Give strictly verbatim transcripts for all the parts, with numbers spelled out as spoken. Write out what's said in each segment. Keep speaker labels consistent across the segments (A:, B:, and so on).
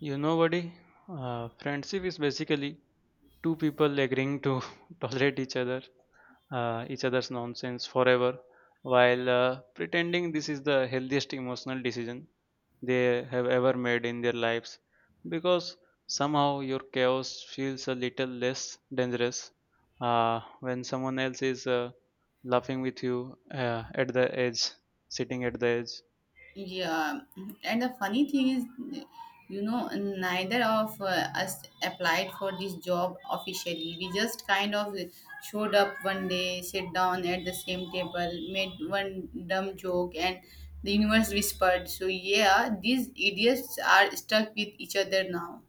A: You know, buddy, uh, friendship is basically two people agreeing to tolerate each other, uh, each other's nonsense forever, while uh, pretending this is the healthiest emotional decision they have ever made in their lives, because somehow your chaos feels a little less dangerous uh, when someone else is uh, laughing with you uh, at the edge, sitting at the edge.
B: Yeah, and the funny thing is, you know, neither of uh, us applied for this job officially. We just kind of showed up one day, sit down at the same table, made one dumb joke, and the universe whispered. So, yeah, these idiots are stuck with each other now.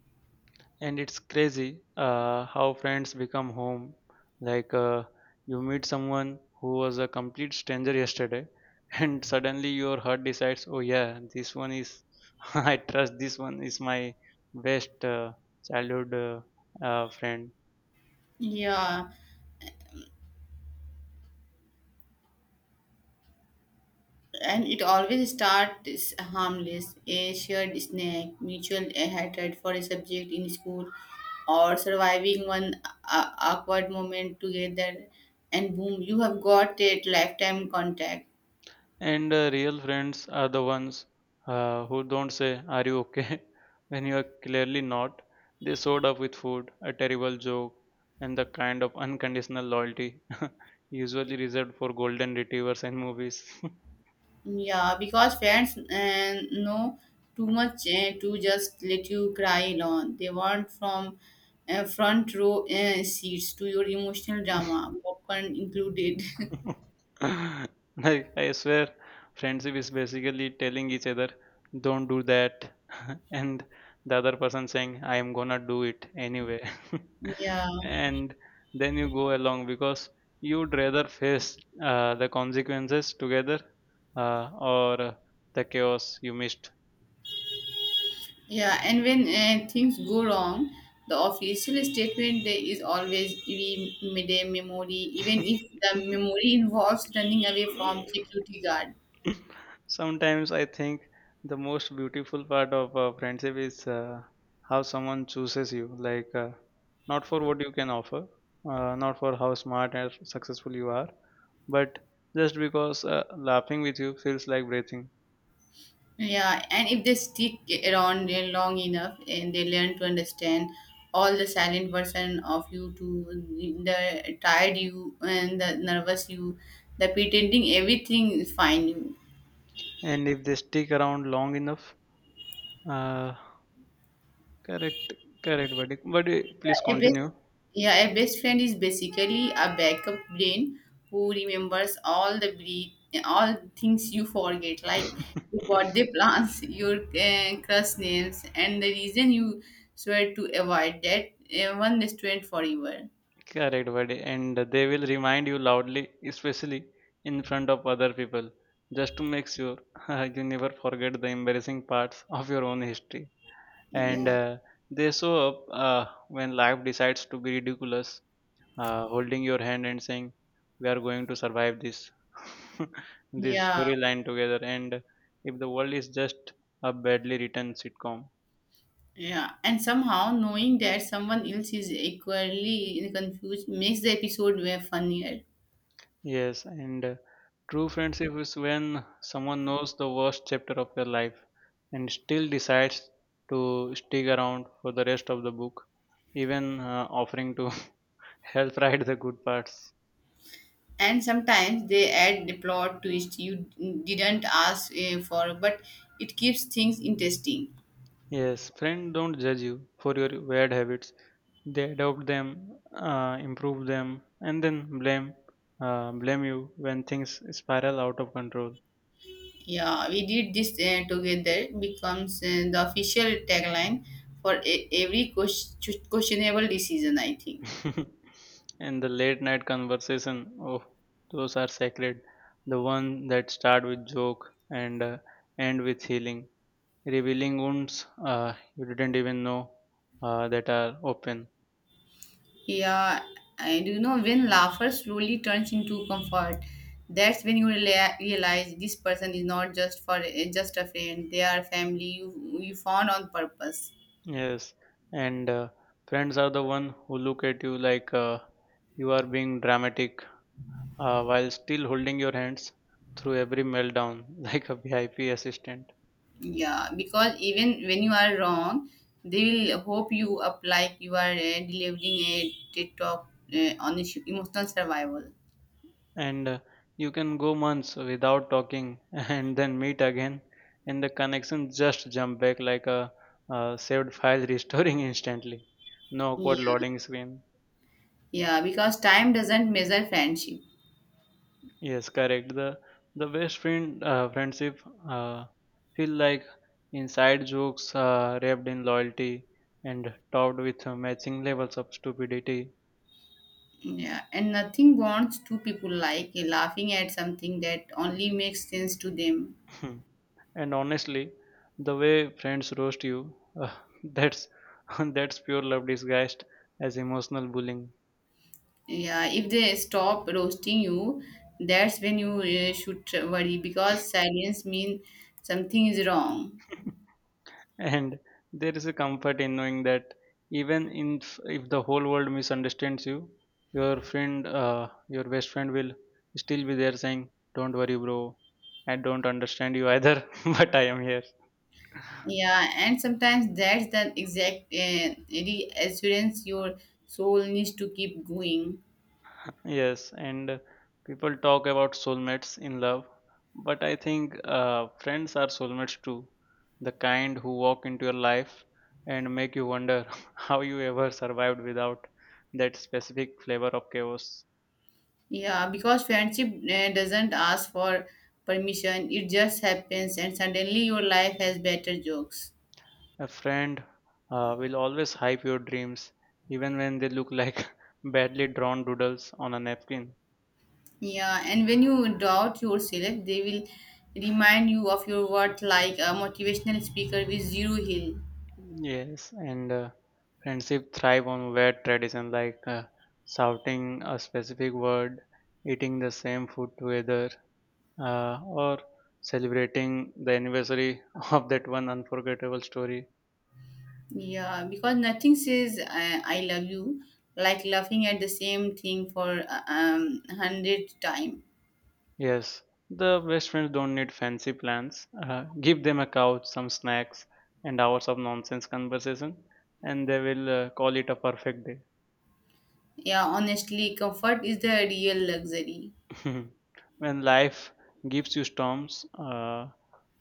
A: And it's crazy uh, how friends become home, like, uh, you meet someone who was a complete stranger yesterday, and suddenly your heart decides, oh yeah, this one is, I trust this one is my best, uh, childhood, uh, uh, friend.
B: Yeah, and it always starts harmless a shared snack mutual hatred for a subject in school or surviving one uh, awkward moment together, and boom, you have got a lifetime contact.
A: And uh, real friends are the ones uh, who don't say, "Are you okay?" when you are clearly not. They showed up with food, a terrible joke, and the kind of unconditional loyalty usually reserved for golden retrievers and movies.
B: Yeah, because friends uh, know too much uh, to just let you cry alone. They want from uh, front row uh, seats to your emotional drama, popcorn included.
A: Like, I swear, friendship is basically telling each other, "Don't do that," and the other person saying, "I am gonna do it anyway."
B: Yeah.
A: And then you go along because you'd rather face uh, the consequences together, uh, or uh, the chaos you missed.
B: Yeah, and when uh, things go wrong, the official statement there is always we made a memory, even if the memory involves running away from security guard.
A: Sometimes I think the most beautiful part of a friendship is uh, how someone chooses you, like, uh, not for what you can offer, uh, not for how smart and successful you are, but just because uh, laughing with you feels like breathing.
B: Yeah, and if they stick around there long enough, and they learn to understand all the silent version of you, to the tired you and the nervous you, the pretending everything is fine you.
A: And if they stick around long enough, uh, correct, correct, buddy. But uh, please
B: A best,
A: continue.
B: yeah, a best friend is basically a backup brain who remembers all the bre- all things you forget, like your birthday plans, your uh, crush names, and the reason you swear to avoid that uh, one restaurant forever.
A: Correct, buddy. And they will remind you loudly, especially in front of other people, just to make sure you never forget the embarrassing parts of your own history. And
B: Yeah,
A: uh, they show up uh, when life decides to be ridiculous, uh, holding your hand and saying, "We are going to survive this, this
B: yeah,
A: storyline together." And if the world is just a badly written sitcom,
B: yeah. And somehow knowing that someone else is equally confused makes the episode way funnier.
A: yes, and uh, true friendship is when someone knows the worst chapter of your life and still decides to stick around for the rest of the book, even uh, offering to help write the good parts.
B: And sometimes they add the plot twist you didn't ask uh, for, but it keeps things interesting.
A: Yes, friends don't judge you for your weird habits. They adopt them, uh, improve them, and then blame, uh, blame you when things spiral out of control.
B: Yeah, we did this uh, together becomes uh, the official tagline for e- every ques- questionable decision, I think.
A: And the late night conversation, oh, those are sacred. The one that start with joke and uh, end with healing, revealing wounds uh, you didn't even know uh, that are open.
B: Yeah, and you know, when laughter slowly turns into comfort, that's when you rela- realize this person is not just for eh, just a friend, they are family you you found on purpose.
A: Yes, and uh, friends are the one who look at you like, uh, you are being dramatic, uh, while still holding your hands through every meltdown like a V I P assistant.
B: Yeah, because even when you are wrong, they will hope you up like you are uh, delivering a TED talk uh, on issue, emotional survival.
A: And uh, you can go months without talking and then meet again, and the connection just jump back like a, uh, saved file, restoring instantly, no
B: Yeah,
A: awkward loading screen.
B: yeah, because time doesn't measure friendship.
A: Yes, correct, the the best friend, uh, friendship uh, feel like inside jokes uh, wrapped in loyalty and topped with uh, matching levels of stupidity.
B: Yeah, and nothing bonds two people like uh, laughing at something that only makes sense to them.
A: And honestly, the way friends roast you, uh, that's, that's pure love disguised as emotional bullying.
B: Yeah, if they stop roasting you, that's when you uh, should worry because silence means something is wrong.
A: And there is a comfort in knowing that even in, f- if the whole world misunderstands you, your friend, uh, your best friend will still be there saying, "Don't worry, bro. I don't understand you either, but I am here."
B: Yeah, and sometimes that's the exact uh, reassurance your soul needs to keep going.
A: Yes, and people talk about soulmates in love, but I think uh, friends are soulmates too. The kind who walk into your life and make you wonder how you ever survived without that specific flavor of chaos.
B: Yeah, because friendship uh, doesn't ask for permission, it just happens, and suddenly your life has better jokes.
A: A friend uh, will always hype your dreams, even when they look like badly drawn doodles on a napkin.
B: Yeah, and when you doubt yourself, they will remind you of your worth like a motivational speaker with zero hill.
A: Yes, and uh, friendship thrive on weird tradition, like, uh, shouting a specific word, eating the same food together, uh, or celebrating the anniversary of that one unforgettable story.
B: Yeah, because nothing says I, I love you like laughing at the same thing for uh, um hundred time.
A: Yes, the best friends don't need fancy plans. Uh, give them a couch, some snacks, and hours of nonsense conversation, and they will uh, call it a perfect
B: Yeah, honestly, comfort is the real luxury.
A: day. When life gives you storms, uh,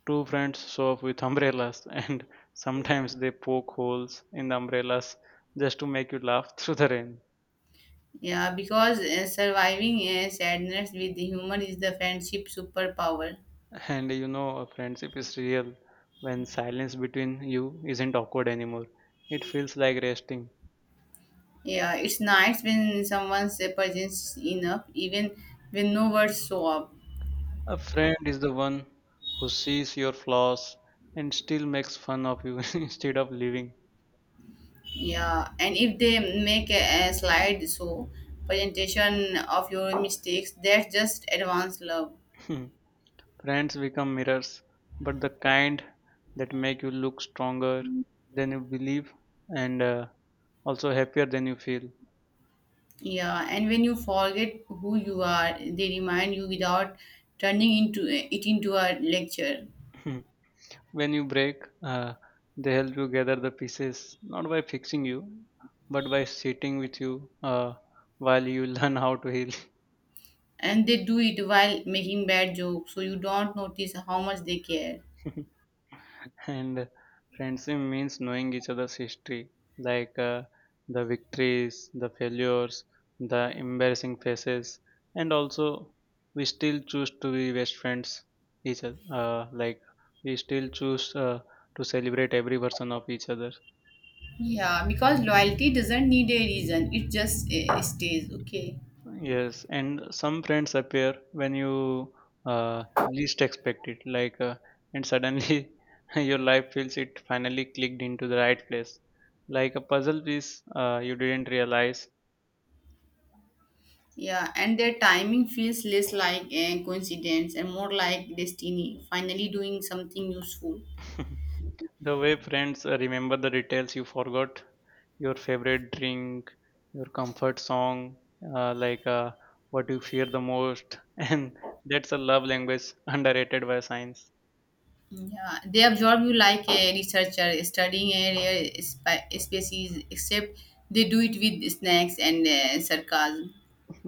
A: two friends show up with umbrellas, and sometimes they poke holes in the umbrellas just to make you laugh through the rain.
B: Yeah, because uh, surviving uh, sadness with humor is the friendship superpower.
A: And you know, a friendship is real when silence between you isn't awkward anymore. It feels like resting.
B: Yeah, it's nice when someone's uh, presence is enough, even when no words show up.
A: A friend is the one who sees your flaws and still makes fun of you instead of leaving.
B: Yeah, and if they make a, a slide show presentation of your mistakes, that's just advanced love.
A: Friends become mirrors, but the kind that make you look stronger than you believe and uh, also happier than you feel.
B: Yeah, and when you forget who you are, they remind you without turning into it into a lecture.
A: Hmm. When you break, uh, they help you gather the pieces, not by fixing you, but by sitting with you uh, while you learn how to heal.
B: And they do it while making bad jokes so you don't notice how much they care.
A: And friendship means knowing each other's history, like, uh, the victories, the failures, the embarrassing faces, and also we still choose to be best friends each other. Uh, like we still choose uh, to celebrate every version of each other.
B: Yeah, because loyalty doesn't need a reason, it just uh, stays, okay?
A: Yes, and some friends appear when you uh, least expect it, like, uh, and suddenly your life feels it finally clicked into the right place, like a puzzle piece uh, you didn't realize.
B: Yeah, and their timing feels less like a coincidence and more like destiny finally doing something useful.
A: The way friends uh, remember the details you forgot, your favorite drink, your comfort song, uh, like, uh, what you fear the most, and that's a love language underrated by science.
B: Yeah, they absorb you like a researcher studying a rare spe- species, except they do it with snacks and uh, sarcasm.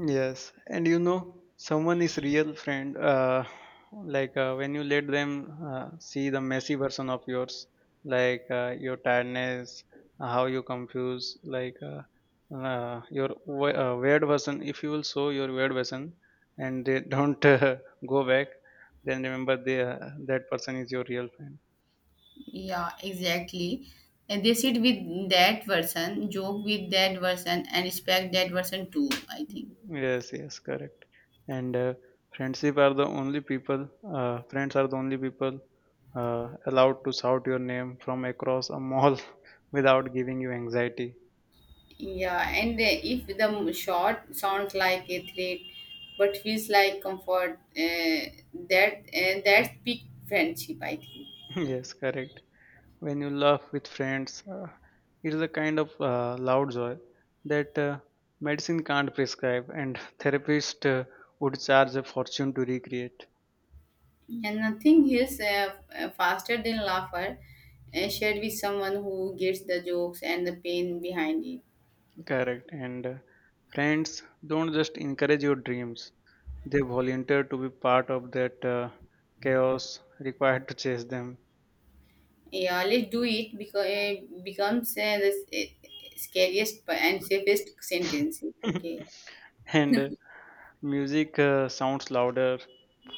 A: Yes, and you know, someone is real friend. Uh, like, uh, when you let them uh, see the messy version of yours, like, uh, your tiredness, how you confuse, like, uh, uh, your w- uh, weird version. If you will show your weird version, and they don't uh, go back, then remember they, uh, that person is your real friend.
B: Yeah, exactly. And they sit with that person, joke with that person, and respect that person too, I think.
A: Yes, yes, correct. And uh, friendship are the only people, uh, friends are the only people uh, allowed to shout your name from across a mall without giving you anxiety.
B: Yeah, and uh, if the m- shot sounds like a threat but feels like comfort, uh, that uh, that's big friendship, I think.
A: Yes, correct. When you laugh with friends, uh, it is a kind of uh, loud joy that uh, medicine can't prescribe, and therapist uh, would charge a fortune to recreate.
B: And nothing heals uh, f- faster than laughter uh, shared with someone who gets the jokes and the pain behind it.
A: Correct. And uh, friends don't just encourage your dreams, they volunteered to be part of that uh, chaos required to chase them.
B: Yeah, let's do it, because it becomes uh, the s- eh, scariest and safest sentence. Okay.
A: And uh, music uh, sounds louder,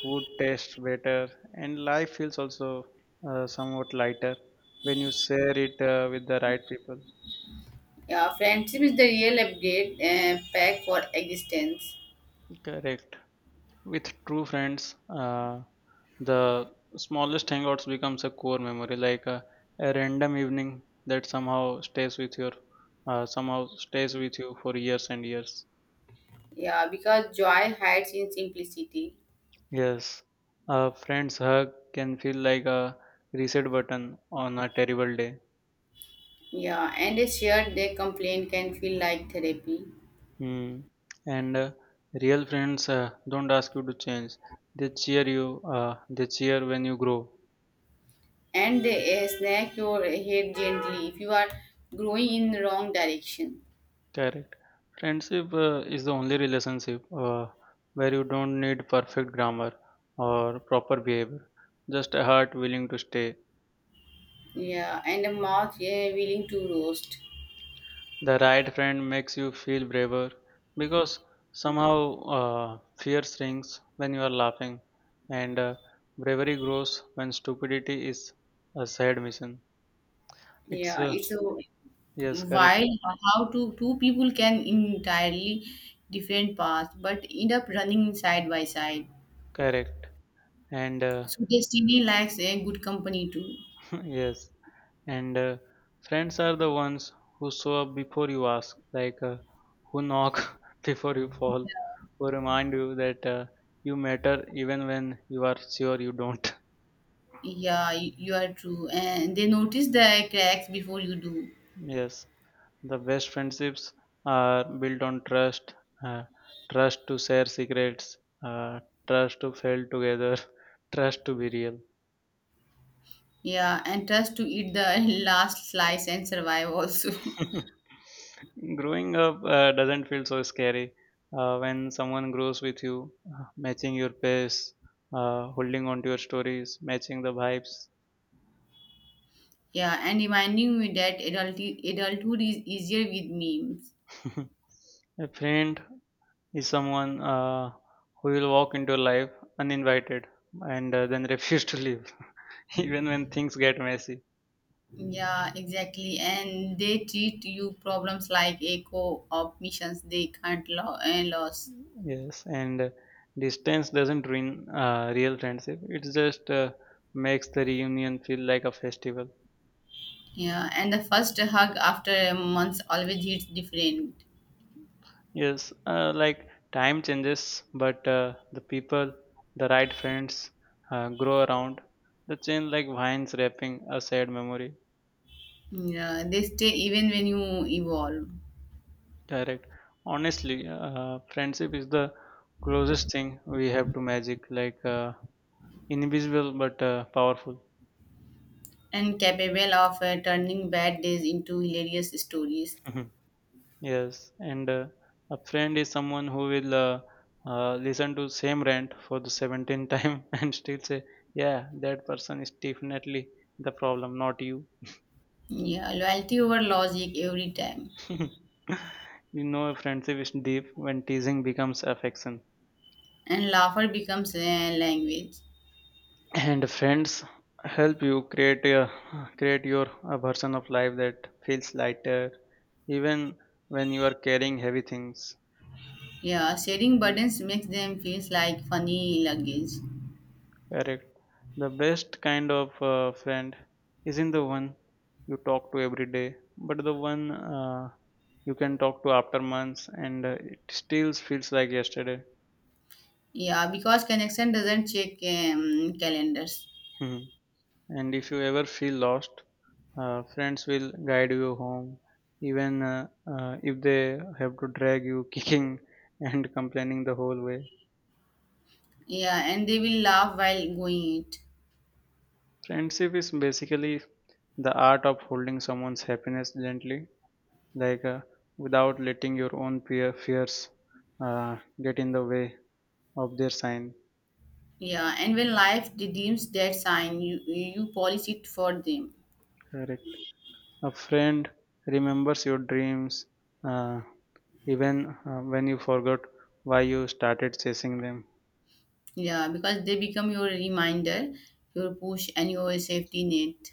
A: food tastes better, and life feels also uh, somewhat lighter when you share it uh, with the right people.
B: Yeah, friendship is the real upgrade uh, pack for existence.
A: Correct. With true friends, uh, the smallest hangouts becomes a core memory, like, uh, a random evening that somehow stays with your, uh, somehow stays with you for years and years.
B: Yeah, because joy hides in simplicity.
A: Yes, a friend's hug can feel like a reset button on a terrible day.
B: Yeah, and a shared day complaint can feel like therapy.
A: Hmm. And uh, real friends uh, don't ask you to change. They cheer you. Uh, they cheer when you grow.
B: And they uh, snack your head gently if you are growing in the wrong direction.
A: Correct. Friendship uh, is the only relationship uh, where you don't need perfect grammar or proper behavior. Just a heart willing to stay.
B: Yeah, and a mouth uh, willing to roast.
A: The right friend makes you feel braver because somehow uh, fear shrinks when you are laughing, and uh, bravery grows when stupidity is a sad mission. It's,
B: Yeah,
A: uh,
B: it's a
A: yes, correct,
B: while how two two people can entirely different paths but end up running side by side.
A: correct, and uh,
B: So destiny likes a good company too.
A: yes, and uh, friends are the ones who show up before you ask, like, uh, who knock before you fall, who remind you that uh, you matter even when you are sure you don't.
B: Yeah, you you are true. And they notice the cracks before you do.
A: Yes. The best friendships are built on trust, uh, trust to share secrets, uh, trust to fail together, trust to be real.
B: Yeah, and trust to eat the last slice and survive also.
A: Growing up uh, doesn't feel so scary uh, when someone grows with you, uh, matching your pace, uh, holding on to your stories, matching the vibes.
B: Yeah, and reminding me that adult adulthood is easier with memes.
A: A friend is someone uh, who will walk into your life uninvited and uh, then refuse to leave, even when things get messy.
B: Yeah, exactly. And they treat you problems like a co-op missions they can't lo- and lose.
A: Yes, and distance doesn't ruin uh, real friendship. It just uh, makes the reunion feel like a festival.
B: Yeah, and the first hug after a month always hits different.
A: Yes, uh, like time changes, but uh, the people, the right friends, uh, grow around. The chain like vines wrapping a sad memory.
B: Yeah, they stay even when you evolve,
A: Direct. Honestly, uh, friendship is the closest thing we have to magic, like, uh, invisible but uh, powerful.
B: and capable of uh, turning bad days into hilarious stories.
A: Yes, and uh, a friend is someone who will uh, uh, listen to same rant for the seventeenth time and still say, "Yeah, that person is definitely the problem, not you."
B: Yeah, loyalty over logic every time,
A: You know, a friendship is deep when teasing becomes affection,
B: and laughter becomes a language.
A: and friends help you create a create your, a version of life that feels lighter, even when you are carrying heavy things.
B: Yeah, sharing burdens makes them feel like funny luggage.
A: Correct. The best kind of uh, friend isn't the one you talk to every day, but the one uh, you can talk to after months and uh, it still feels like yesterday.
B: Yeah, because connection doesn't check um, calendars.
A: Mhm. And if you ever feel lost, uh, friends will guide you home, even uh, uh, if they have to drag you kicking and complaining the whole way.
B: Yeah, and they will laugh while going it.
A: Friendship is basically the art of holding someone's happiness gently like uh, without letting your own peer fears uh, get in the way of their sign.
B: Yeah, and when life redeems that sign, you you polish it for them.
A: Correct. A friend remembers your dreams, uh, even uh, when you forgot why you started chasing them.
B: Yeah, because they become your reminder, your push, and your safety net.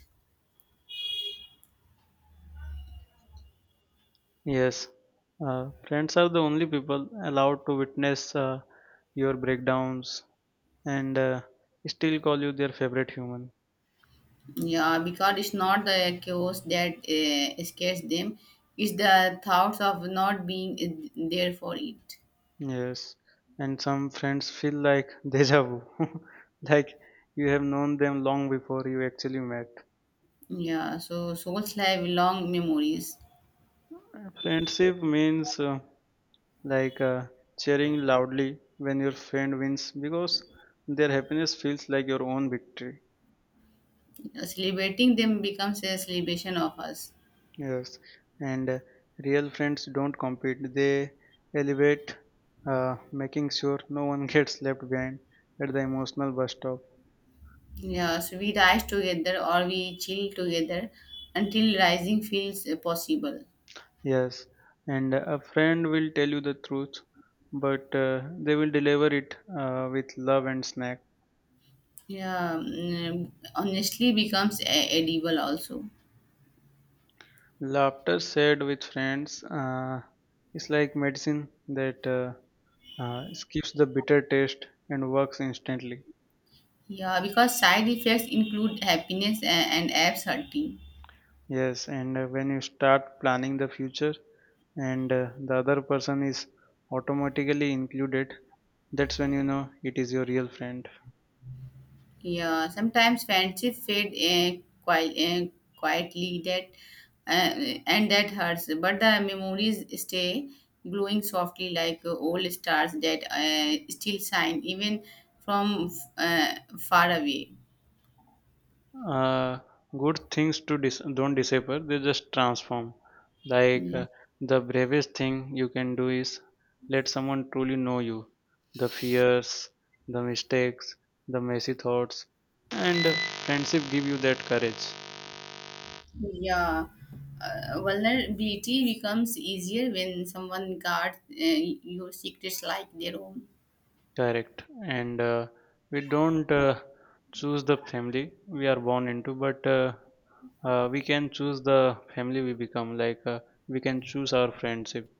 A: Yes. Uh, friends are the only people allowed to witness uh, your breakdowns and uh, still call you their favorite human.
B: Yeah, because it's not the chaos that uh, scares them; it's the thoughts of not being uh, there for it.
A: Yes, and some friends feel like deja vu, like you have known them long before you actually met.
B: Yeah, so souls have long memories.
A: Friendship means uh, like uh, cheering loudly when your friend wins because their happiness feels like your own victory.
B: Yeah, celebrating them becomes a celebration of us.
A: Yes, and uh, real friends don't compete, they elevate, uh, making sure no one gets left behind at the emotional bus stop.
B: Yeah, so we rise together or we chill together until rising feels uh, possible.
A: Yes, and a friend will tell you the truth, but uh, they will deliver it uh, with love and snack.
B: Yeah, mm, honestly becomes e- edible also.
A: Laughter shared with friends uh, is like medicine that uh, uh, skips the bitter taste and works instantly.
B: Yeah, because side effects include happiness and, and abs hurting.
A: Yes, and uh, when you start planning the future and uh, the other person is automatically included, that's when you know it is your real friend.
B: Yeah, sometimes friendship fade uh, quite, uh, quietly, that uh, and that hurts, but the memories stay glowing softly like uh, old stars that uh, still shine even from uh, far away.
A: uh, Good things to dis- don't disappear, they just transform like
B: Yeah.
A: uh, the bravest thing you can do is let someone truly know you: the fears, the mistakes, the messy thoughts, and uh, friendship give you that courage.
B: Yeah, uh, vulnerability becomes easier when someone guards uh, your secrets like their own.
A: Correct. And uh, we don't uh, choose the family we are born into, but uh, uh, we can choose the family we become, like uh, we can choose our friendship.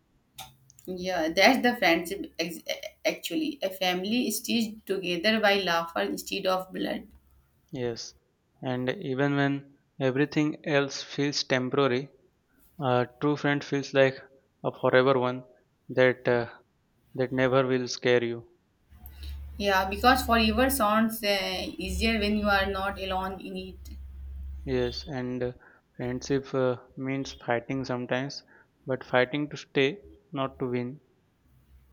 B: Yeah, that's the friendship ex- actually. A family stitched together by laughter instead of blood.
A: Yes, and even when everything else feels temporary, a true friend feels like a forever one that uh, that never will scare you.
B: Yeah, because forever sounds uh, easier when you are not alone in it.
A: Yes, and uh, friendship uh, means fighting sometimes, but fighting to stay, not to win.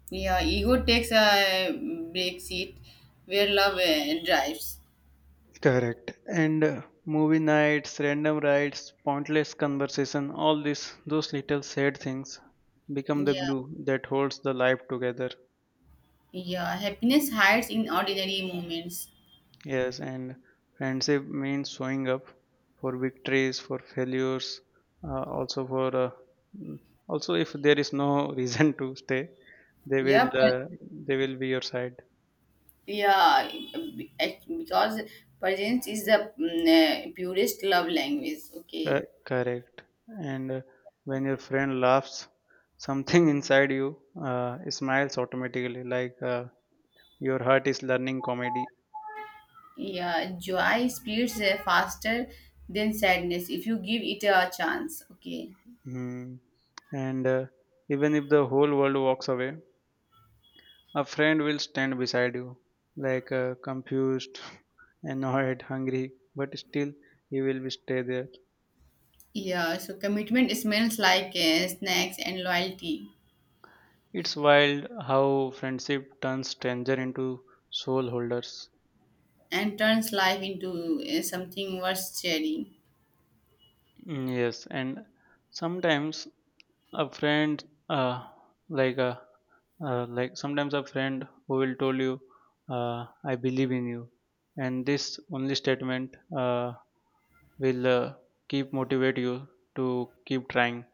B: Yeah, ego takes a break seat where love uh, drives.
A: Correct. And uh, movie nights, random rides, pointless conversation, all this, those little sad things become the
B: Yeah,
A: glue that holds the life together.
B: yeah, happiness hides in ordinary moments.
A: Yes, and friendship means showing up for victories, for failures, uh, also for uh, mm, also if there is no reason to stay, they will
B: Yeah.
A: uh, they will be your side.
B: Yeah, be- act- because presence is the mm, uh, purest love language. Okay.
A: Co- Correct. And uh, when your friend laughs, something inside you uh, smiles automatically, like uh, your heart is learning comedy.
B: Yeah, joy speeds uh, faster than sadness if you give it a chance. Okay.
A: Mm. And uh, even if the whole world walks away, a friend will stand beside you, like uh, confused, annoyed, hungry, but still he will be stay there.
B: Yeah, so commitment smells like uh, snacks and loyalty,
A: It's wild how friendship turns stranger into soul holders.
B: and turns life into uh, something worth sharing.
A: Mm. Yes, and sometimes a friend, uh, like a uh, like sometimes a friend who will tell you, uh, "I believe in you," and this only statement uh, will uh, keep motivate you to keep trying.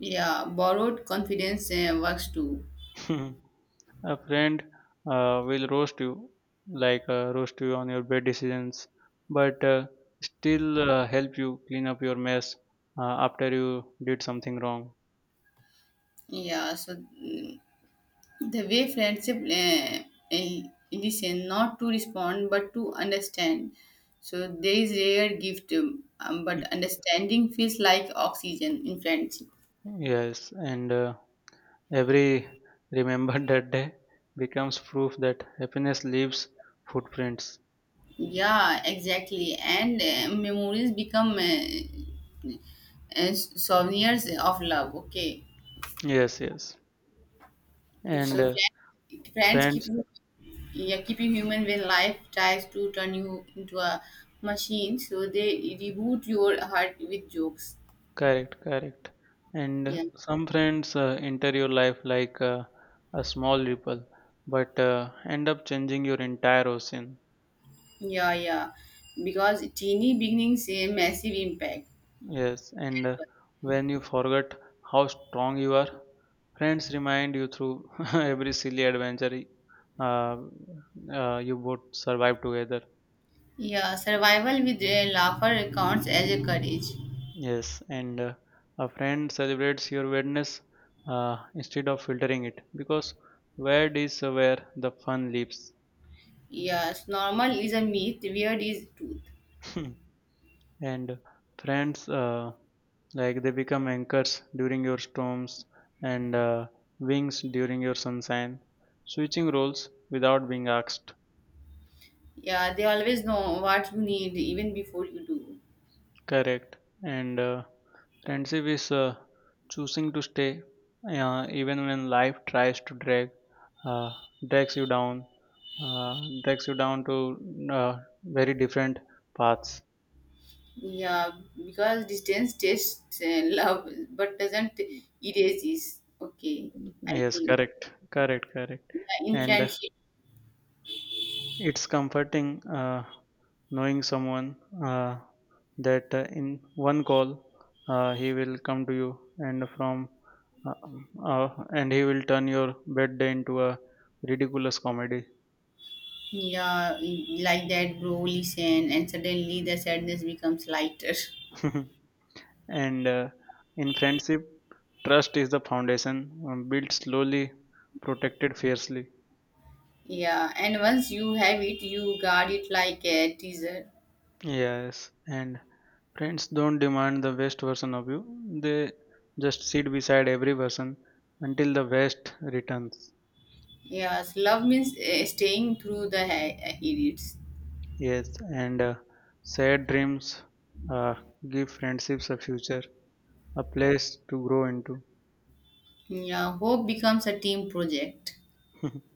B: Yeah, borrowed confidence uh, works too.
A: A friend uh, will roast you, like uh, roast you on your bad decisions, but uh, still uh, help you clean up your mess uh, after you did something wrong.
B: Yeah, so mm, the way friendship uh, eh, listen, not to respond but to understand. So there is rare gift, um, um, but understanding feels like oxygen in friendship.
A: Yes, and uh, every remembered that day becomes proof that happiness leaves footprints.
B: Yeah, exactly. And uh, memories become uh, uh, souvenirs of love. Okay,
A: Yes, yes.
B: so
A: And uh,
B: friend- friends keep
A: friends
B: you, yeah, keep you human when life tries to turn you into a machine. So they reboot your heart with jokes.
A: Correct, correct. And
B: Yeah.
A: some friends uh, enter your life like uh, a small ripple, but uh, end up changing your entire ocean.
B: Yeah, yeah. Because teeny beginnings say massive impact.
A: Yes, and uh, when you forget how strong you are, friends remind you through every silly adventure uh, uh, you both survive together.
B: Yeah, survival with a laugher counts as a courage.
A: Yes, and uh, a friend celebrates your weirdness uh, instead of filtering it because weird is where the fun lives.
B: Yes, normal is a myth, weird is truth.
A: And friends uh, like they become anchors during your storms and uh, wings during your sunshine, switching roles without being asked.
B: Yeah, they always know what you need even before you do.
A: Correct. And uh, friendship is uh, choosing to stay uh, even when life tries to drag uh, drags you down, uh, drags you down to uh, very different paths.
B: Yeah, because distance tests uh, love but doesn't erase, is okay. I
A: Yes,
B: think.
A: correct, correct, correct.
B: Yeah, in
A: And uh,
B: friendship.
A: it's comforting uh, knowing someone uh, that uh, in one call uh, he will come to you and from uh, uh, and he will turn your bad day into a ridiculous comedy.
B: Yeah, in- like that, bro, listen, and suddenly the sadness becomes lighter.
A: And uh, in friendship, trust is the foundation, um, built slowly, protected fiercely.
B: Yeah, and once you have it, you guard it like a teaser.
A: Yes, and friends don't demand the best version of you. They just sit beside every person until the best returns.
B: Yes, love means uh, staying through the uh, edits.
A: Yes, and uh, sad dreams uh, give friendships a future, a place to grow into.
B: Yeah, hope becomes a team project.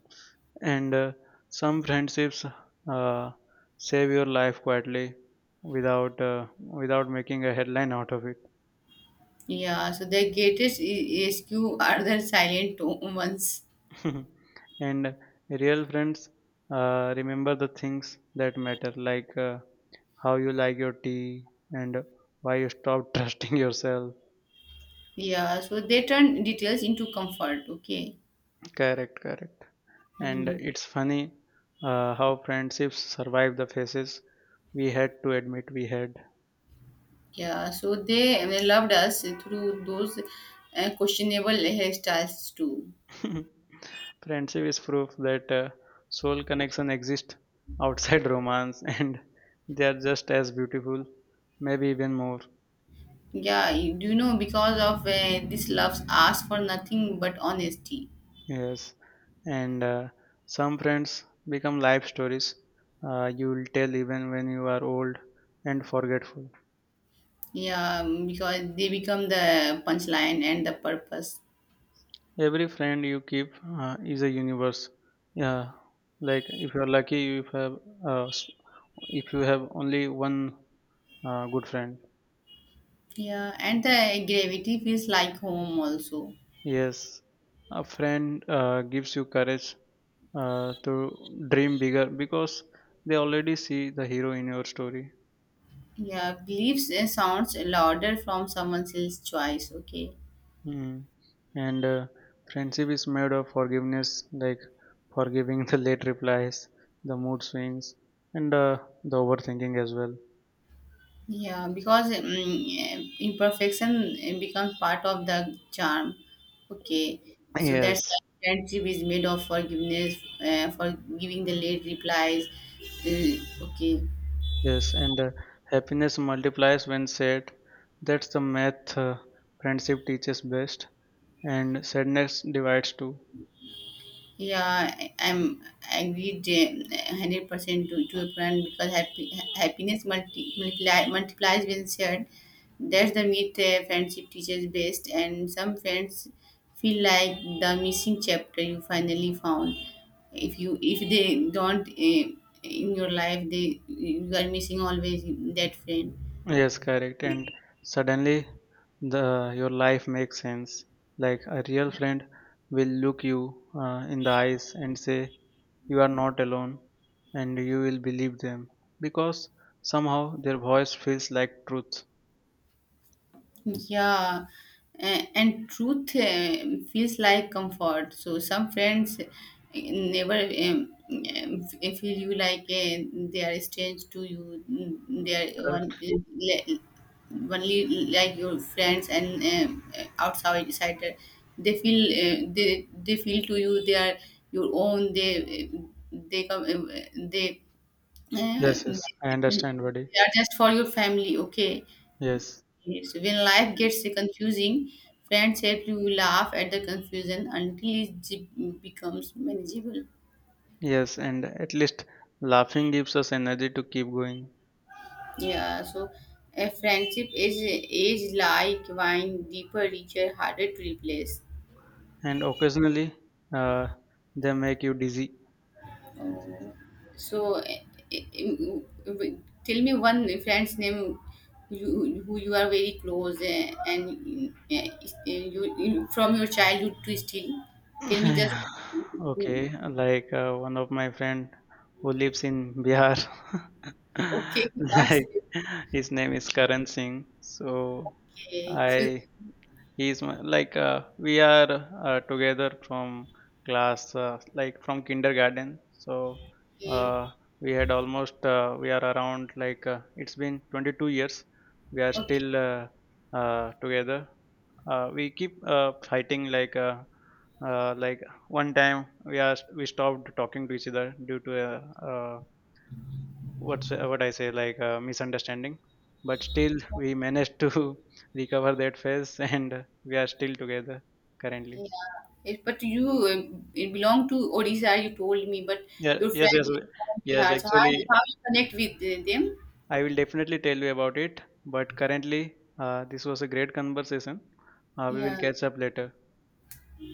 A: and uh, some friendships uh, save your life quietly without uh, without making a headline out of it.
B: Yeah, so the greatest i- rescue are the silent o- ones.
A: And real friends uh, remember the things that matter, like uh, how you like your tea and why you stop trusting yourself.
B: Yeah, so they turn details into comfort. Okay.
A: Correct, correct. And
B: Mm.
A: it's funny uh, how friendships survive the phases we had to admit we had.
B: Yeah, so they uh, loved us through those uh, questionable hairstyles too.
A: Friendship is proof that uh, soul connection exists outside romance, and they are just as beautiful, maybe even more.
B: Yeah, you- do you know, because of uh, this loves ask for nothing but honesty.
A: Yes, and uh, some friends become life stories uh, you will tell even when you are old and forgetful.
B: Yeah, um, because they become the punchline and the purpose.
A: Every friend you keep uh, is a universe. Yeah, like if you are lucky, you have uh, s- if you have only one uh, good friend.
B: Yeah, and the gravity feels like home also.
A: Yes, a friend uh, gives you courage uh, to dream bigger because they already see the hero in your story.
B: Yeah, beliefs uh, sounds louder from someone else's choice. Okay.
A: Mm. And uh, friendship is made of forgiveness, like forgiving the late replies, the mood swings, and uh, the overthinking as well.
B: Yeah, because um, yeah, imperfection uh, becomes part of the charm. Okay, so that's why
A: Yes,
B: friendship is made of forgiveness, uh, for giving the late replies. Uh, okay.
A: yes, and uh, happiness multiplies when shared. That's the math uh, friendship teaches best, and sadness divides too.
B: Yeah, I- I'm agreed uh, hundred percent to to your point because happy, happiness multi, multiply, multiplies when shared. That's the myth uh, friendship teaches best, and some friends feel like the missing chapter you finally found. If you if they don't uh, in your life, they you are missing always that friend.
A: Yes, correct. And suddenly, the your life makes sense. Like a real friend will look you uh, in the eyes and say, "You are not alone," and you will believe them because somehow their voice feels like truth.
B: Yeah, a- and truth um, feels like comfort. So some friends uh, never um, um, f- feel you like uh, they are strange to you. Mm, they are on,
A: Correct.
B: le- only like your friends and um, outside outsider. They feel uh, they they feel to you they are your own. They they come uh, they, uh,
A: Yes, yes, I
B: they
A: understand, buddy.
B: are just for your family. Okay.
A: Yes,
B: Yes, when life gets confusing, friends help you laugh at the confusion until it j- becomes manageable.
A: yes, and at least laughing gives us energy to keep going.
B: Yeah, so a friendship is is like wine, deeper, richer, harder to replace.
A: And occasionally, uh, they make you dizzy.
B: So, eh, eh, eh, tell me one friend's name, you who you are very close, eh, and eh, eh, you you- from your childhood to still. Tell me just
A: Yeah. Okay, like uh, one of my friend who lives in Bihar,
B: okay. What's
A: like his name is Karan Singh. So
B: okay? So
A: I He's my like, uh, we are uh, together from class, uh, like from kindergarten. So
B: okay,
A: uh, we had almost, uh, we are around like, uh, it's been twenty-two years. We are
B: okay,
A: still uh, uh, together. Uh, we keep uh, fighting like, uh, uh, like one time we are we stopped talking to each other due to a, uh what's what I say, like a misunderstanding, but still we managed to recover that phase, and we are still together currently.
B: yeah. It- But you uh, it belong to Odisha, you told me, but
A: Yeah,
B: your
A: yes,
B: friend
A: yes,
B: is
A: we-
B: from
A: yes.
B: Bihar. So how,
A: Actually,
B: how you connect with uh, them?
A: I will definitely tell you about it. But currently, uh, this was a great conversation. Uh, we will
B: Yeah.
A: catch up later.